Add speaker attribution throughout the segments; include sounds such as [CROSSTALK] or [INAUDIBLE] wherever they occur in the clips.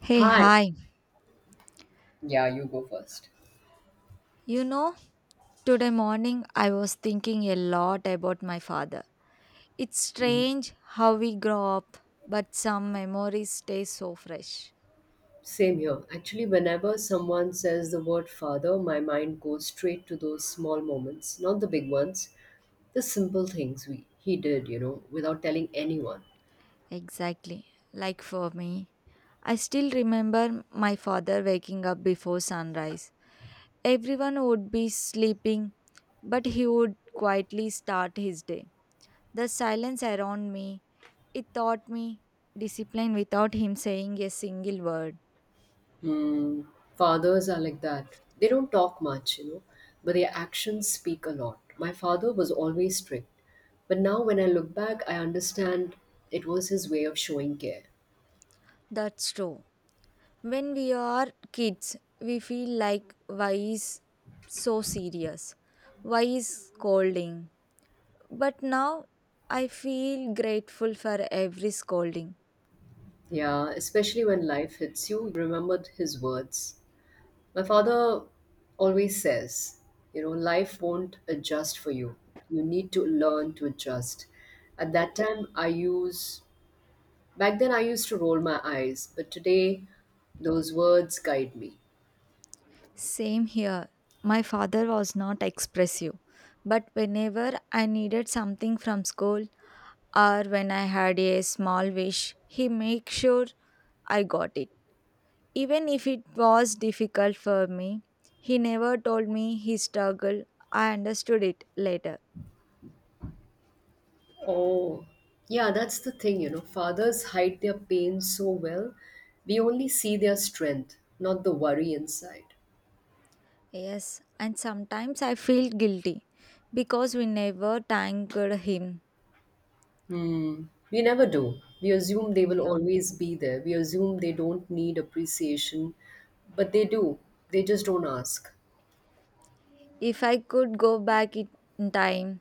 Speaker 1: Hey,
Speaker 2: Hi.
Speaker 1: hi.
Speaker 2: Yeah, you go first.
Speaker 1: You know, today morning I was thinking a lot about my father. It's
Speaker 2: Mm.
Speaker 1: strange how we grow up, but some memories stay so fresh.
Speaker 2: Same here. Actually, whenever someone says the word father, my mind goes straight to those small moments, not the big ones, the simple things we he did, you know, without telling anyone.
Speaker 1: Exactly. Like for me, I still remember my father waking up before sunrise. Everyone would be sleeping, but he would quietly start his day. The silence around me, it taught me discipline without him saying a single word.
Speaker 2: Hmm. Fathers are like that. They don't talk much, you know, but their actions speak a lot. My father was always strict, but now when I look back, I understand it was his way of showing care.
Speaker 1: That's true. When we are kids, we feel like why is so serious? Why is scolding? But now I feel grateful for every scolding.
Speaker 2: Yeah, especially when life hits you, you remembered his words. My father always says, you know, life won't adjust for you. You need to learn to adjust. At that time, back then I used to roll my eyes, but today those words guide me.
Speaker 1: Same here. My father was not expressive, but whenever I needed something from school or when I had a small wish, he made sure I got it. Even if it was difficult for me, he never told me he struggle. I understood it later.
Speaker 2: Oh, yeah, that's the thing, you know, fathers hide their pain so well. We only see their strength, not the worry inside.
Speaker 1: Yes, and sometimes I feel guilty because we never thanked him.
Speaker 2: Hmm. We never do. We assume they will
Speaker 1: Yeah.
Speaker 2: always be there. We assume they don't need appreciation, but they do. They just don't ask.
Speaker 1: If I could go back it- In time,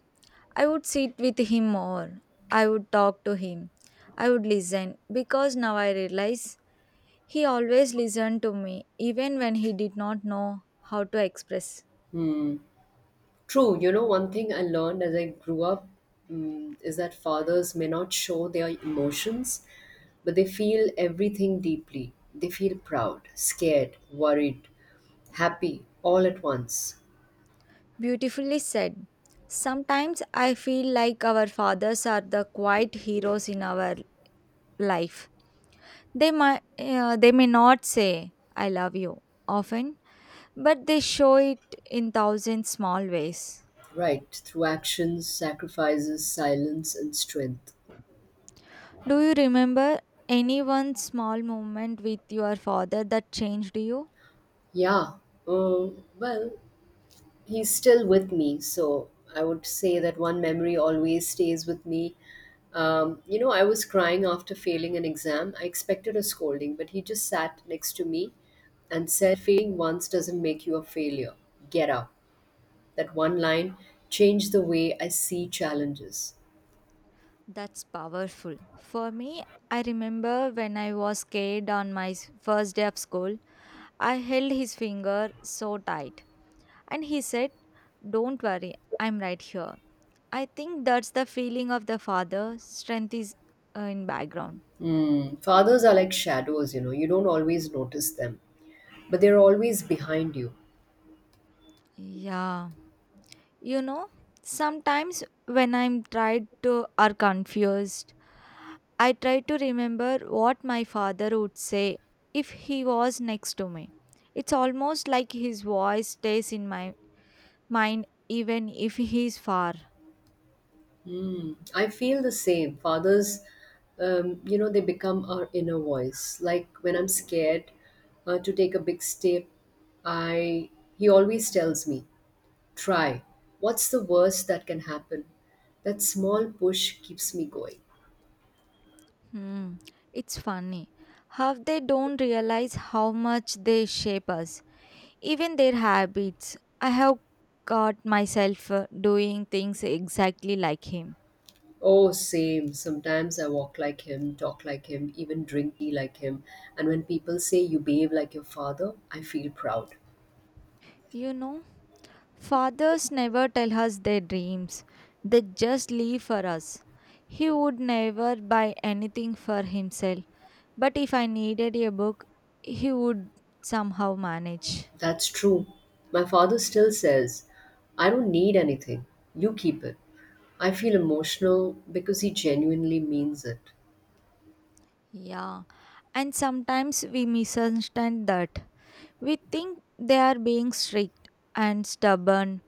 Speaker 1: I would sit with him more. I would talk to him. I would listen because now I realize he always listened to me even when he did not know how to express.
Speaker 2: True, you know, one thing I learned as I grew up is that fathers may not show their emotions, but they feel everything deeply. They feel proud, scared, worried, happy, all at once.
Speaker 1: Beautifully said. Sometimes I feel like our fathers are the quiet heroes in our life. They they may not say "I love you" often, but they show it in thousand small ways.
Speaker 2: Right, through actions, sacrifices, silence, and strength.
Speaker 1: Do you remember any one small moment with your father that changed you?
Speaker 2: Yeah. Uh, well, he's still with me. So I would say that one memory always stays with me. You know, I was crying after failing an exam. I expected a scolding, but he just sat next to me and said, "Failing once doesn't make you a failure. Get up." That one line changed the way I see challenges.
Speaker 1: That's powerful. For me, I remember when I was scared on my first day of school, I held his finger so tight and he said, "Don't worry, I'm right here." I think that's the feeling of the father. Strength is, in background.
Speaker 2: Mm. Fathers are like shadows, you know, you don't always notice them, but they're always behind you.
Speaker 1: Yeah. You know, sometimes when I'm tired to or confused, I try to remember what my father would say if he was next to me. It's almost like his voice stays in my mind even if he's far.
Speaker 2: Mm, I feel the same. Fathers, you know, they become our inner voice. Like when I'm scared to take a big step, I he always tells me, "Try. What's the worst that can happen?" That small push keeps me going.
Speaker 1: Hmm. It's funny how they don't realize how much they shape us, even their habits. I have got myself doing things exactly like him.
Speaker 2: Oh, same. Sometimes I walk like him, talk like him, even drink tea like him. And when people say you behave like your father, I feel proud.
Speaker 1: You know, fathers never tell us their dreams, they just leave for us. He would never buy anything for himself, but if I needed a book, he would somehow manage.
Speaker 2: That's true. My father still says, "I don't need anything. You keep it." I feel emotional because he genuinely means it.
Speaker 1: Yeah, and sometimes we misunderstand that. We think they are being strict and stubborn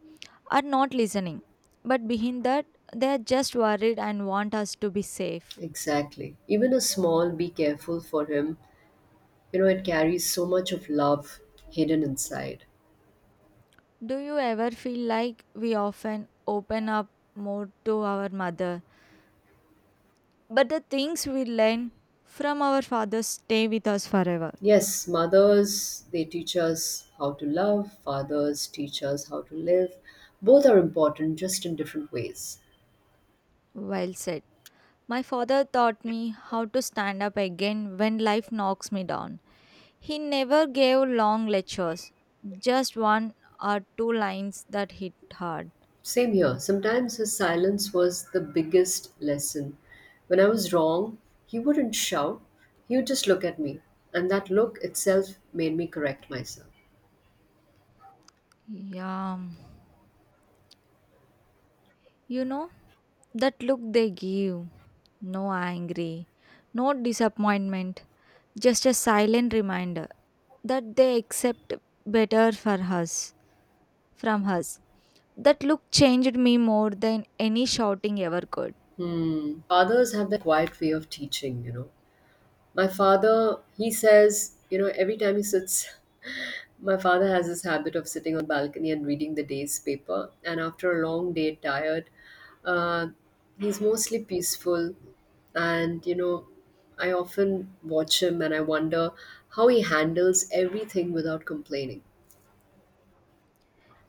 Speaker 1: or not listening, but behind that, they are just worried and want us to be safe.
Speaker 2: Exactly. Even a small "be careful" for him, you know, it carries so much of love hidden inside.
Speaker 1: Do you ever feel like we often open up more to our mother, but the things we learn from our fathers stay with us forever?
Speaker 2: Yes, mothers, they teach us how to love, fathers teach us how to live. Both are important, just in different ways.
Speaker 1: Well said. My father taught me how to stand up again when life knocks me down. He never gave long lectures, just one or two lines that hit hard.
Speaker 2: Same here. Sometimes his silence was the biggest lesson. When I was wrong, he wouldn't shout, he would just look at me. And that look itself made me correct myself.
Speaker 1: Yeah, you know, that look they give. No angry, no disappointment, just a silent reminder that they accept better for us. From hers. That look changed me more than any shouting ever could.
Speaker 2: Hmm. Fathers have that quiet way of teaching, you know. My father, he says, you know, every time he sits, [LAUGHS] my father has this habit of sitting on the balcony and reading the day's paper. And after a long day, tired, uh, he's mostly peaceful, and you know, I often watch him and I wonder how he handles everything without complaining.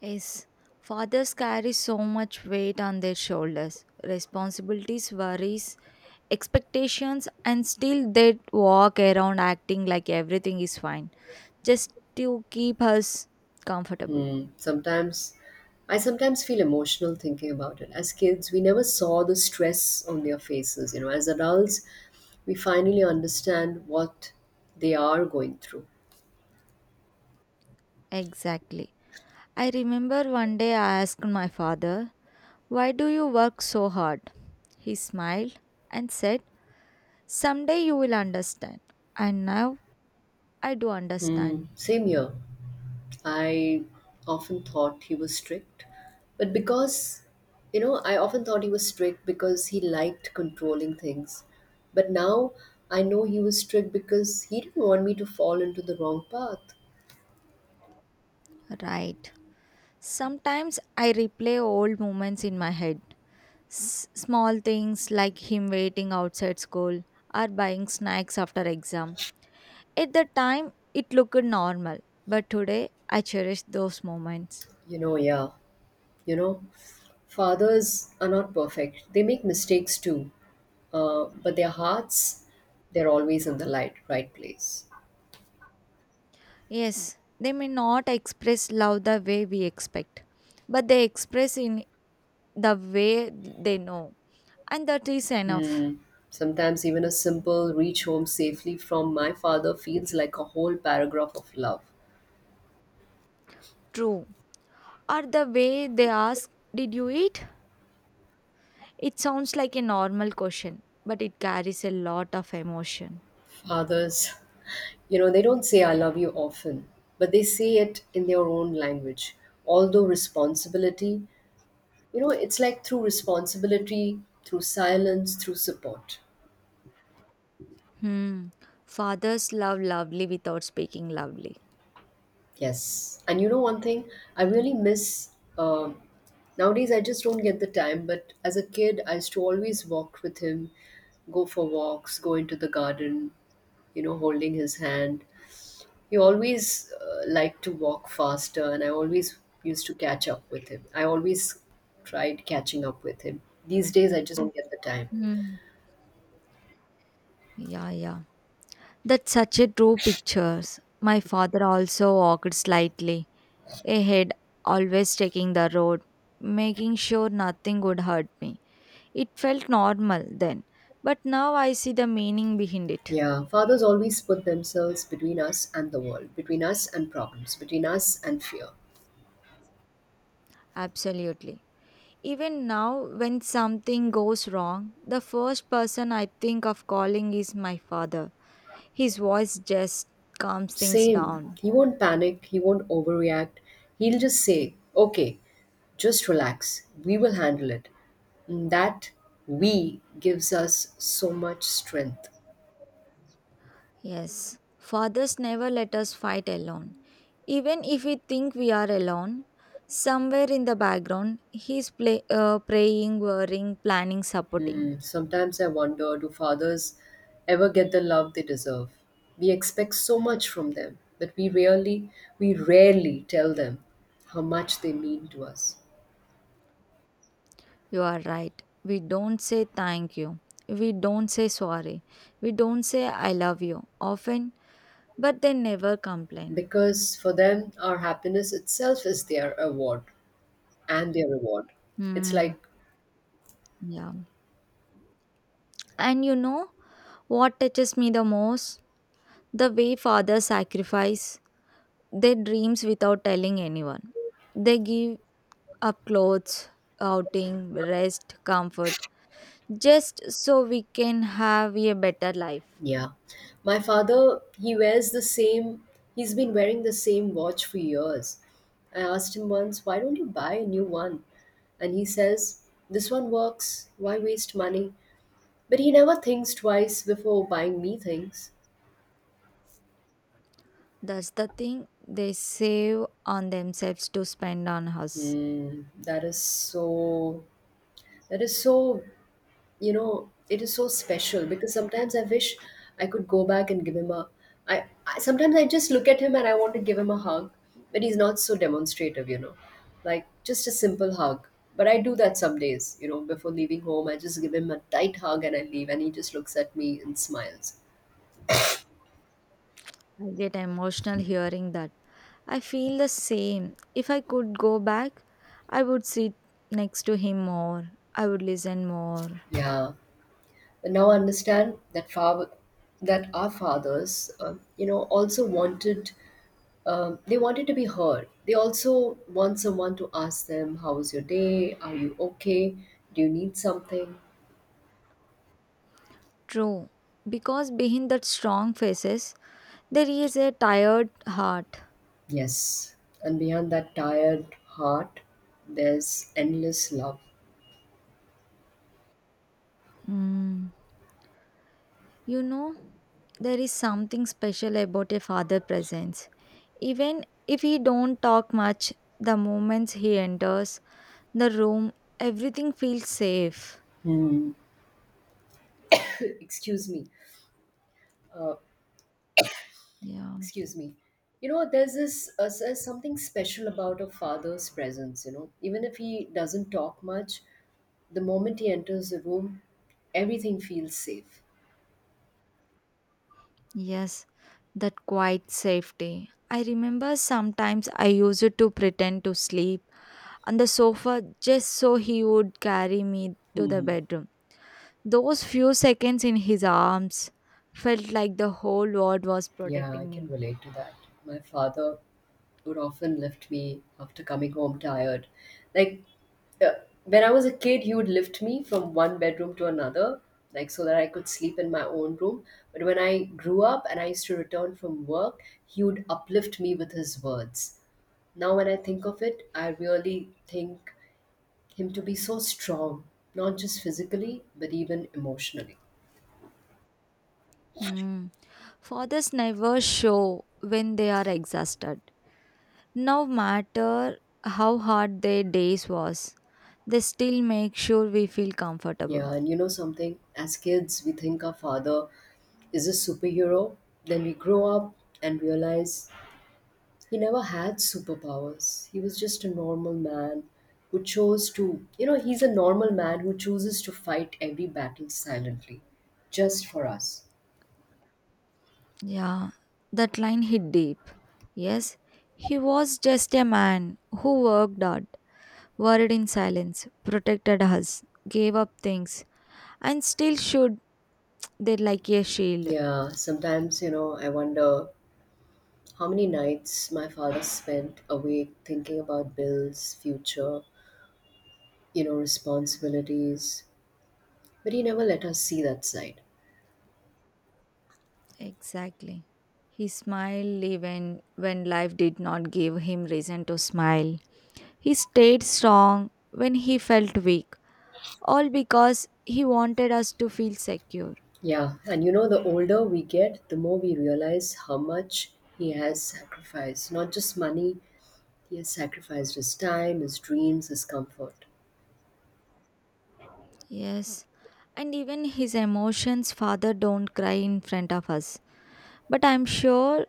Speaker 1: Yes, fathers carry so much weight on their shoulders, responsibilities, worries, expectations, and still they walk around acting like everything is fine just to keep us comfortable.
Speaker 2: Hmm. sometimes I sometimes feel emotional thinking about it. As kids we never saw the stress on their faces, you know, as adults we finally understand what they are going through.
Speaker 1: Exactly. I remember one day I asked my father, "Why do you work so hard?" He smiled and said, "Someday you will understand." And now I do
Speaker 2: Hmm.
Speaker 1: understand.
Speaker 2: Same here. I often thought he was strict, but because, you know, I often thought he was strict because he liked controlling things. But now I know he was strict because he didn't want me to fall into the wrong path.
Speaker 1: Right. Sometimes I replay old moments in my head. Small things like him waiting outside school or buying snacks after exam. At the time, it looked normal, but today I cherish those moments.
Speaker 2: You know, yeah, you know, fathers are not perfect, they make mistakes too, but their hearts, they're always in the right place.
Speaker 1: Yes, they may not express love the way we expect, but they express in the way they know, and that is enough.
Speaker 2: Sometimes even a simple "reach home safely" from my father feels like a whole paragraph of love.
Speaker 1: True. Or the way they ask, "Did you eat?" It sounds like a normal question, but it carries a lot of emotion.
Speaker 2: Fathers, [LAUGHS] you know, they don't say "I love you" often, but they say it in their own language. Although responsibility, you know, it's like through responsibility, through silence, through support.
Speaker 1: Hmm. Fathers love lovely without speaking lovely.
Speaker 2: Yes. And you know, one thing I really miss, um nowadays, I just don't get the time, but as a kid, I used to always walk with him, go for walks, go into the garden, you know, holding his hand. He always liked to walk faster, and I always used to catch up with him. I always tried catching up with him. These days, I just don't get the time.
Speaker 1: Hmm. Yeah, yeah. That's such a true picture. My father also walked slightly ahead, always taking the road, making sure nothing would hurt me. It felt normal then, but now I see the meaning behind it.
Speaker 2: Yeah, fathers always put themselves between us and the world, between us and problems, between us and fear.
Speaker 1: Absolutely. Even now, when something goes wrong, the first person I think of calling is my father. His voice just calms things
Speaker 2: Same.
Speaker 1: down.
Speaker 2: He won't panic, he won't overreact. He'll just say, "Okay, just relax, we will handle it." And that we gives us so much strength.
Speaker 1: Yes, fathers never let us fight alone. Even if we think we are alone, somewhere in the background, he's praying, worrying, planning, supporting.
Speaker 2: Sometimes I wonder, do fathers ever get the love they deserve? We expect so much from them, but we rarely tell them how much they mean to us.
Speaker 1: You are right. We don't say thank you. We don't say sorry. We don't say I love you often, but they never complain.
Speaker 2: Because for them our happiness itself is their award and their reward. It's
Speaker 1: Hmm.
Speaker 2: like,
Speaker 1: Yeah. And you know what touches me the most? The way fathers sacrifice their dreams without telling anyone. They give up clothes, outing, rest, comfort, just so we can have a better life.
Speaker 2: yeah. My father, he wears the same he's been wearing the same watch for years. I asked him once, "Why don't you buy a new one?" And he says, "This one works. Why waste money?" But he never thinks twice before buying me things.
Speaker 1: That's the thing, they save on themselves to spend on us.
Speaker 2: Hmm. That is so, you know, it is so special because sometimes I wish I could go back and give him a, I sometimes I just look at him and I want to give him a hug, but he's not so demonstrative, you know, like just a simple hug. But I do that some days, you know, before leaving home, I just give him a tight hug and I leave and he just looks at me and smiles.
Speaker 1: I get emotional hearing that. I feel the same. If I could go back, I would sit next to him more. I would listen more.
Speaker 2: Yeah. Now understand that our fathers, you know, also wanted they wanted to be heard. They also want someone to ask them, "How was your day? Are you okay? Do you need something?"
Speaker 1: True, because behind that strong faces, there is a tired heart.
Speaker 2: Yes, and beyond that tired heart, there's endless love.
Speaker 1: Mm. You know, there is something special about a father presence. Even if he don't talk much, the moments he enters the room, everything feels safe.
Speaker 2: Hmm. [LAUGHS] Excuse me. Uh,
Speaker 1: Yeah.
Speaker 2: excuse me, you know there's this there's something special about a father's presence, you know, even if he doesn't talk much, the moment he enters the room everything feels safe.
Speaker 1: Yes, that quiet safety. I remember sometimes I used to pretend to sleep on the sofa just so he would carry me to the bedroom. Those few seconds in his arms felt like the whole world was
Speaker 2: Yeah, I
Speaker 1: protecting
Speaker 2: can
Speaker 1: me.
Speaker 2: relate to that. My father would often lift me after coming home tired. Like, when I was a kid, he would lift me from one bedroom to another, like, so that I could sleep in my own room. But when I grew up and I used to return from work, he would uplift me with his words. Now, when I think of it, I really think him to be so strong, not just physically, but even emotionally.
Speaker 1: Hmm. Fathers never show when they are exhausted. No matter how hard their days was, they still make sure we feel comfortable.
Speaker 2: Yeah, and you know something, as kids, we think our father is a superhero. Then we grow up and realize he never had superpowers. He was just a normal man who chose to, you know, he's a normal man who chooses to fight every battle silently, just for us.
Speaker 1: Yeah, that line hit deep. Yes, he was just a man who worked hard, worried in silence, protected us, gave up things, and still showed there like a shield.
Speaker 2: Yeah, sometimes, you know, I wonder how many nights my father spent awake thinking about bills, future, you know, responsibilities, but he never let us see that side.
Speaker 1: Exactly. He smiled even when life did not give him reason to smile. He stayed strong when he felt weak, all because he wanted us to feel secure.
Speaker 2: Yeah, and you know, the older we get, the more we realize how much he has sacrificed. Not just money, he has sacrificed his time, his dreams, his comfort.
Speaker 1: Yes. And even his emotions, father don't cry in front of us. But I'm sure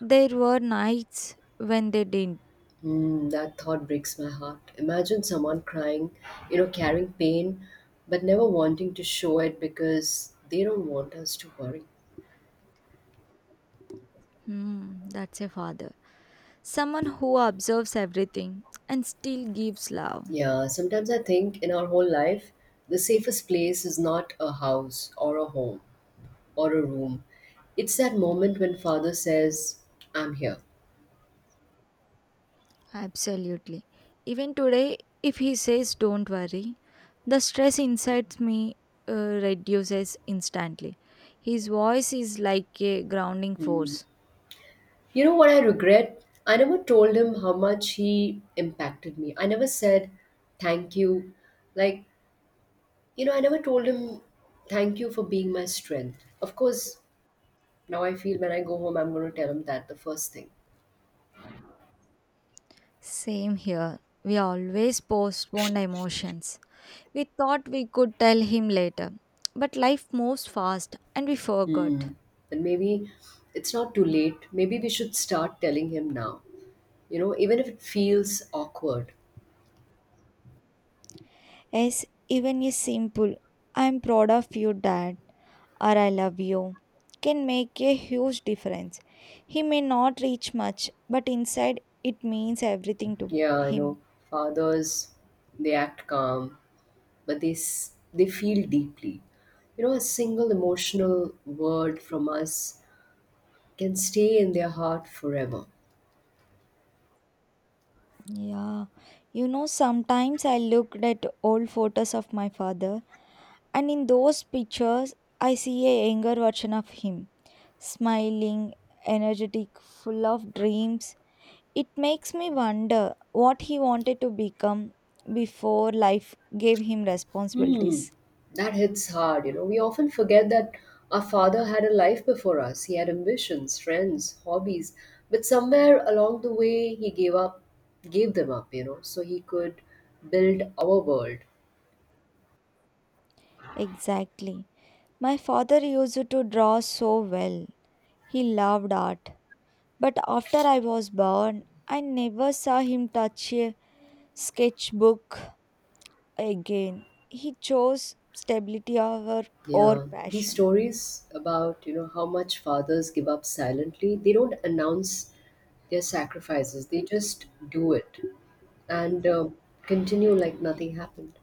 Speaker 1: there were nights when they didn't.
Speaker 2: Mm, that thought breaks my heart. Imagine someone crying, you know, carrying pain, but never wanting to show it because they don't want us to worry.
Speaker 1: Hmm, that's a father. Someone who observes everything and still gives love.
Speaker 2: Yeah, sometimes I think in our whole life, the safest place is not a house or a home or a room. It's that moment when father says, "I'm here."
Speaker 1: Absolutely. Even today, if he says, "Don't worry," the stress inside me, uh, reduces instantly. His voice is like a grounding force.
Speaker 2: You know what I regret? I never told him how much he impacted me. I never said thank you. Like, you know, I never told him thank you for being my strength. Of course, now I feel when I go home, I'm going to tell him that the first thing.
Speaker 1: Same here. We always postpone emotions. We thought we could tell him later, but life moves fast and we forgot.
Speaker 2: Hmm. But maybe it's not too late. Maybe we should start telling him now. You know, even if it feels awkward.
Speaker 1: Yes, even a simple, "I'm proud of you, Dad," or "I love you," can make a huge difference. He may not reach much, but inside it means everything to
Speaker 2: Yeah, I know.
Speaker 1: him.
Speaker 2: Fathers, they act calm, but they feel deeply. You know, a single emotional word from us can stay in their heart forever.
Speaker 1: Yeah, you know, sometimes I looked at old photos of my father, and in those pictures, I see a younger version of him, smiling, energetic, full of dreams. It makes me wonder what he wanted to become before life gave him
Speaker 2: Hmm.
Speaker 1: responsibilities.
Speaker 2: That hits hard, you know, we often forget that our father had a life before us. He had ambitions, friends, hobbies, but somewhere along the way he gave them up, you know, so he could build our world.
Speaker 1: Exactly. My father used to draw so well. He loved art. But after I was born, I never saw him touch a sketchbook again. He chose stability over or
Speaker 2: Yeah, these
Speaker 1: passion.
Speaker 2: stories about, you know, how much fathers give up silently. They don't announce their sacrifices. They just do it and continue like nothing happened.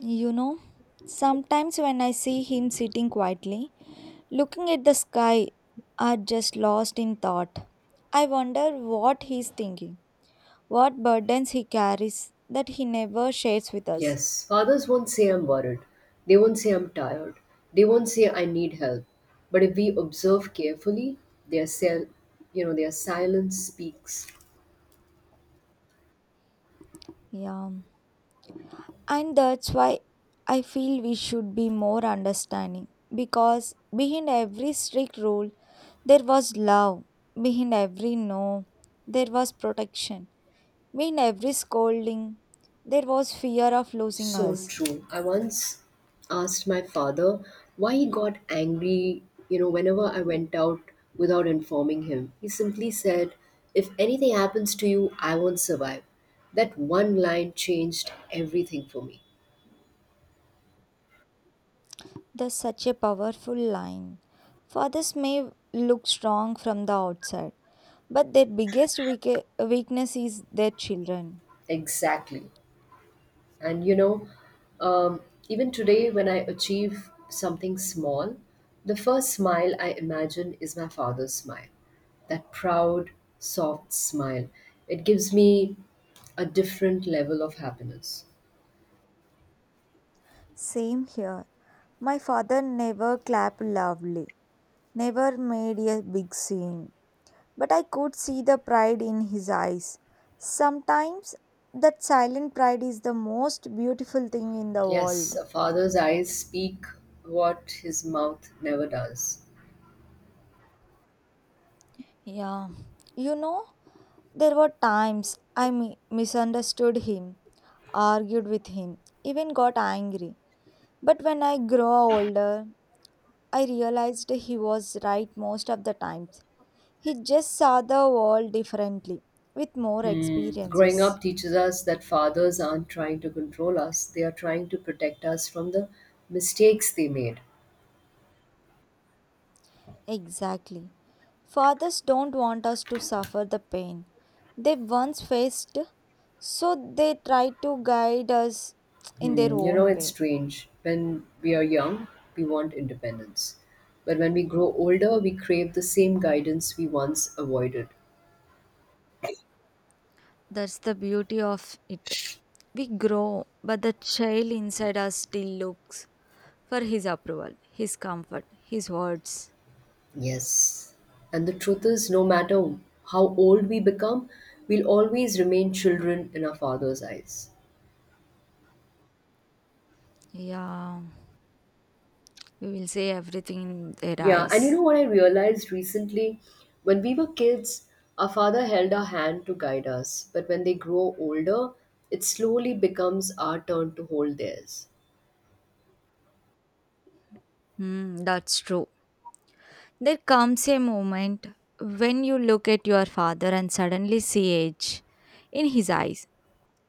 Speaker 1: You know, sometimes when I see him sitting quietly, looking at the sky, are just lost in thought. I wonder what he's thinking, what burdens he carries that he never shares with us.
Speaker 2: Yes, fathers won't say "I'm worried." They won't say "I'm tired." They won't say "I need help." But if we observe carefully, their cell, you know, their silence speaks.
Speaker 1: Yeah. And that's why I feel we should be more understanding because behind every strict rule, there was love. Behind every no, there was protection. Behind every scolding, there was fear of losing
Speaker 2: So
Speaker 1: us.
Speaker 2: true. I once asked my father why he got angry, you know, whenever I went out without informing him. He simply said, "If anything happens to you, I won't survive." That one line changed everything for me.
Speaker 1: That's such a powerful line. Fathers may look strong from the outside, but their biggest weakness is their children.
Speaker 2: Exactly. And you know, um, Even today, when I achieve something small, the first smile I imagine is my father's smile, that proud, soft smile. It gives me a different level of happiness.
Speaker 1: Same here. My father never clapped loudly, never made a big scene, but I could see the pride in his eyes. Sometimes that silent pride is the most beautiful thing in the
Speaker 2: Yes,
Speaker 1: world.
Speaker 2: a father's eyes speak what his mouth never does.
Speaker 1: Yeah, you know, there were times I misunderstood him, argued with him, even got angry. But when I grew older, I realized he was right most of the times. He just saw the world differently, with more
Speaker 2: Hmm. Growing
Speaker 1: experiences.
Speaker 2: up teaches us that fathers aren't trying to control us, they are trying to protect us from the mistakes they made.
Speaker 1: Exactly. Fathers don't want us to suffer the pain they once faced, so they try to guide us in their
Speaker 2: Hmm, you know,
Speaker 1: own
Speaker 2: it's
Speaker 1: way.
Speaker 2: strange. When we are young, we want independence. But when we grow older, we crave the same guidance we once avoided.
Speaker 1: That's the beauty of it. We grow, but the child inside us still looks for his approval, his comfort, his words.
Speaker 2: Yes. And the truth is, no matter how old we become, we'll always remain children in our father's eyes.
Speaker 1: Yeah, we will say everything in their
Speaker 2: Yeah, and you know
Speaker 1: eyes.
Speaker 2: what I realized recently? When we were kids, our father held our hand to guide us. But when they grow older, it slowly becomes our turn to hold theirs.
Speaker 1: Hmm, that's true. There comes a moment when you look at your father and suddenly see age in his eyes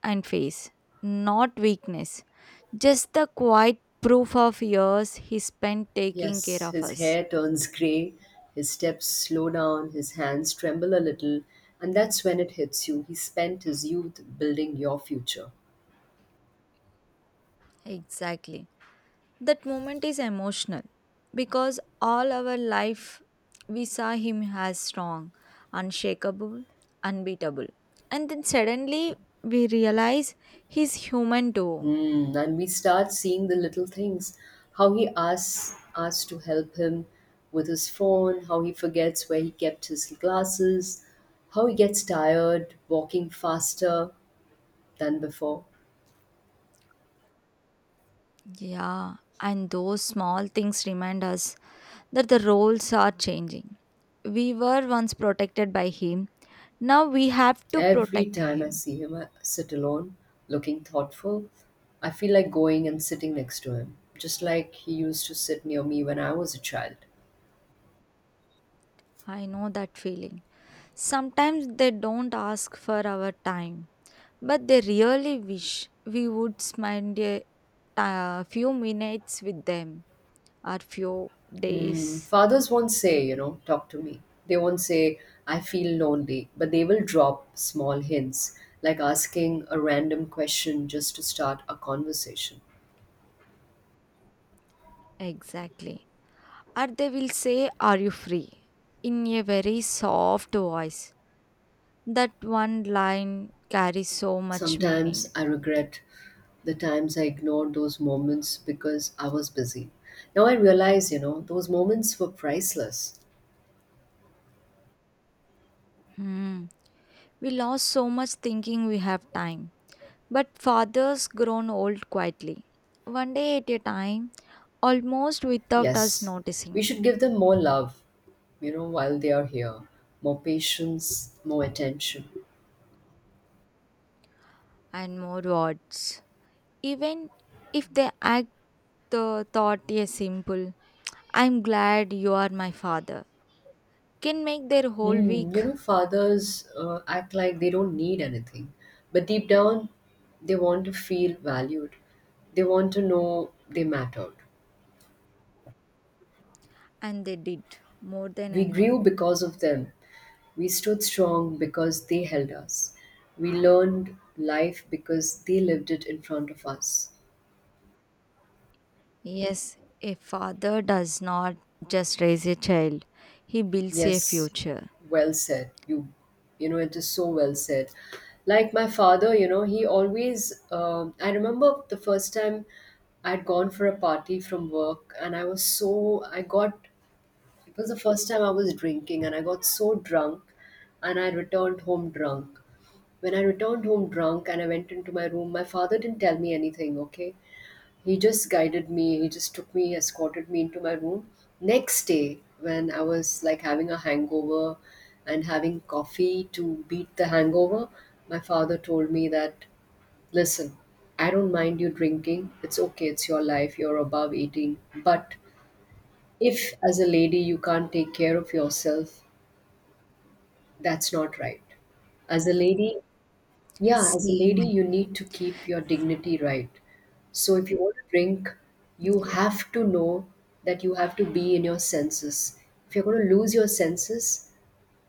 Speaker 1: and face, not weakness, just the quiet proof of years he spent taking care
Speaker 2: Yes,
Speaker 1: of
Speaker 2: his
Speaker 1: us.
Speaker 2: hair turns grey, his steps slow down, his hands tremble a little, and that's when it hits you. He spent his youth building your future.
Speaker 1: Exactly. That moment is emotional because all our life we saw him as strong, unshakable, unbeatable. And then suddenly we realize he's human too.
Speaker 2: Hmm, and we start seeing the little things. How he asks us to help him with his phone, how he forgets where he kept his glasses, how he gets tired walking faster than before.
Speaker 1: Yeah, and those small things remind us that the roles are changing. We were once protected by him, now we have to
Speaker 2: Every
Speaker 1: protect
Speaker 2: time I
Speaker 1: him.
Speaker 2: see him sit alone, looking thoughtful, I feel like going and sitting next to him, just like he used to sit near me when I was a child.
Speaker 1: I know that feeling. Sometimes they don't ask for our time, but they really wish we would spend a, few minutes with them or few days.
Speaker 2: Fathers won't say, you know, talk to me. They won't say, I feel lonely, but they will drop small hints, like asking a random question just to start a conversation.
Speaker 1: Exactly. Or they will say, "Are you free?" in a very soft voice. That one line carries so much
Speaker 2: Sometimes
Speaker 1: meaning.
Speaker 2: I regret the times I ignored those moments because I was busy. Now I realize, you know, those moments were priceless.
Speaker 1: Hmm. We lost so much thinking we have time. But father's grown old quietly, one day at a time, almost without us
Speaker 2: Yes, we
Speaker 1: noticing.
Speaker 2: should give them more love, you know, while they are here, more patience, more attention.
Speaker 1: And more words. Even if they act, the thought is simple. "I'm glad you are my father" can make their whole
Speaker 2: Hmm,
Speaker 1: week.
Speaker 2: you know, fathers act like they don't need anything, but deep down, they want to feel valued. They want to know they mattered.
Speaker 1: And they did, more than
Speaker 2: We grew
Speaker 1: anyone.
Speaker 2: because of them. We stood strong because they held us. We learned life because they lived it in front of us.
Speaker 1: Yes, a father does not just raise a child, he builds a
Speaker 2: Yes,
Speaker 1: future.
Speaker 2: well said. You know, it is so well said. Like my father, you know, he always. I remember the first time I'd gone for a party from work, and I was so. I got. It was the first time I was drinking, and I got so drunk, and I returned home drunk. When I returned home drunk and I went into my room, my father didn't tell me anything, okay? He just guided me, he just took me, escorted me into my room. Next day, when I was like having a hangover and having coffee to beat the hangover, my father told me that, listen, I don't mind you drinking, it's okay, it's your life, you're above 18. But if, as a lady, you can't take care of yourself, that's not right. As a lady, yeah, as a
Speaker 1: Same.
Speaker 2: lady, you need to keep your dignity, right. So if you want to drink, you
Speaker 1: Yeah,
Speaker 2: have to know that you have to be in your senses. If you're going to lose your senses,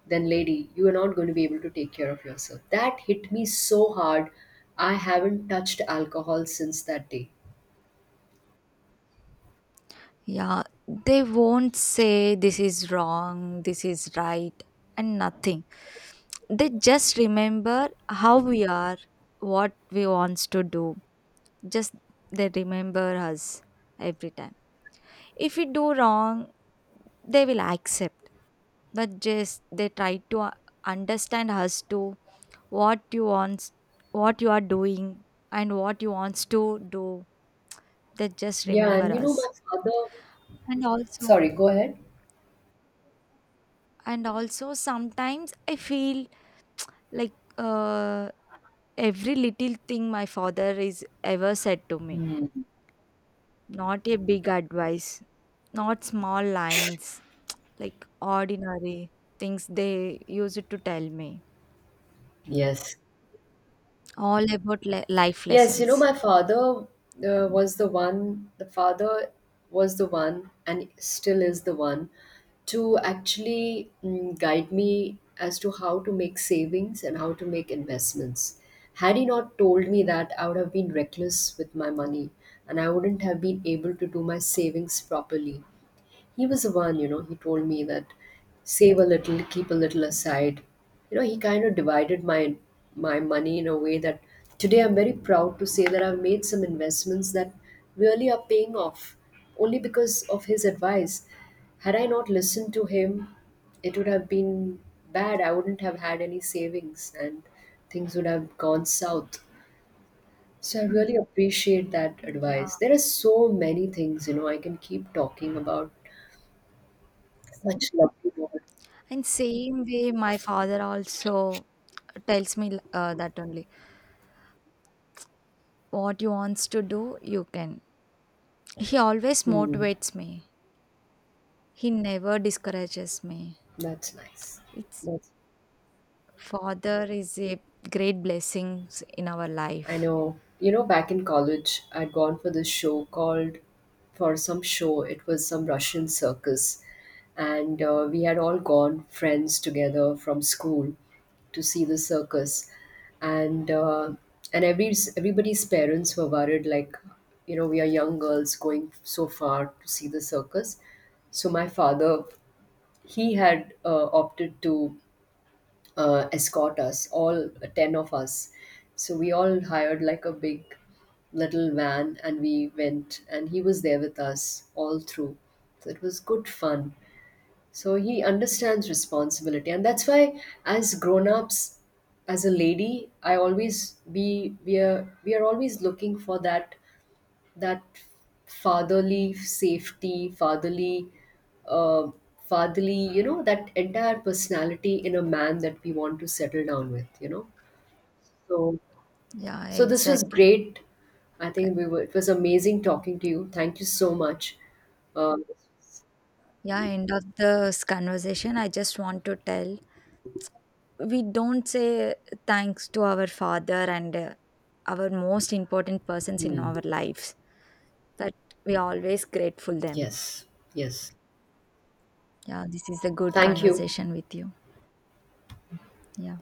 Speaker 2: then lady, you are not going to be able to take care of yourself. That hit me so hard. I haven't touched alcohol since that day.
Speaker 1: yeah, they won't say this is wrong, this is right, and nothing. They just remember how we are, what we wants to do. Just, they remember us every time. If we do wrong, they will accept, but just they try to, understand us to what you want, what you are doing, and what you wants to do. They just
Speaker 2: Yeah,
Speaker 1: remember
Speaker 2: and you know, my
Speaker 1: us.
Speaker 2: father,
Speaker 1: And also.
Speaker 2: sorry, go ahead.
Speaker 1: And also, sometimes I feel like, every little thing my father is ever said to me, not a big advice, not small lines, like ordinary things they use it to tell me
Speaker 2: Yes.
Speaker 1: all about life
Speaker 2: Yes, you know,
Speaker 1: lessons.
Speaker 2: my father
Speaker 1: Mm.
Speaker 2: was the one, the father was the one, and still is the one, to actually guide me as to how to make savings and how to make investments. Had he not told me that, I would have been reckless with my money and I wouldn't have been able to do my savings properly. He was the one, you know, he told me that, save a little, keep a little aside. You know, he kind of divided my money in a way that today I'm very proud to say that I've made some investments that really are paying off only because of his advice. Had I not listened to him, it would have been bad. I wouldn't have had any savings and things would have gone south. So I really appreciate that
Speaker 1: Yeah,
Speaker 2: advice. There are so many things, you know, I can keep talking about, such lovely moments.
Speaker 1: and same way my father also tells me, that only what you wants to do you can. He always
Speaker 2: Hmm,
Speaker 1: motivates me, he never discourages me.
Speaker 2: that's nice.
Speaker 1: It's,
Speaker 2: That's,
Speaker 1: father is a great blessings in our
Speaker 2: I
Speaker 1: life.
Speaker 2: know. You know, back in college, I'd gone for this show called, for some show, it was some Russian circus. And we had all gone, friends together from school, to see the circus. And uh, and everybody's parents were worried, like, you know, we are young girls going so far to see the circus. So my father, he had opted to escort us, all 10 of us. So we all hired like a big little van and we went, and he was there with us all through. So it was good fun. So he understands responsibility, and that's why, as grown ups, as a lady, I always we are always looking for that that fatherly safety, fatherly, uh, fatherly, you know, that entire personality in a man that we want to settle down with, you know. So,
Speaker 1: Yeah,
Speaker 2: so this was
Speaker 1: exactly.
Speaker 2: great. I
Speaker 1: Correct.
Speaker 2: think we were, it was amazing talking to you. Thank you so much. Um,
Speaker 1: Yeah, end of this conversation, I just want to tell, we don't say thanks to our father and, our most important persons in
Speaker 2: hmm,
Speaker 1: our lives, that we always grateful them.
Speaker 2: yes, yes.
Speaker 1: Yeah, this is a good
Speaker 2: Thank you.
Speaker 1: conversation with you. Yeah.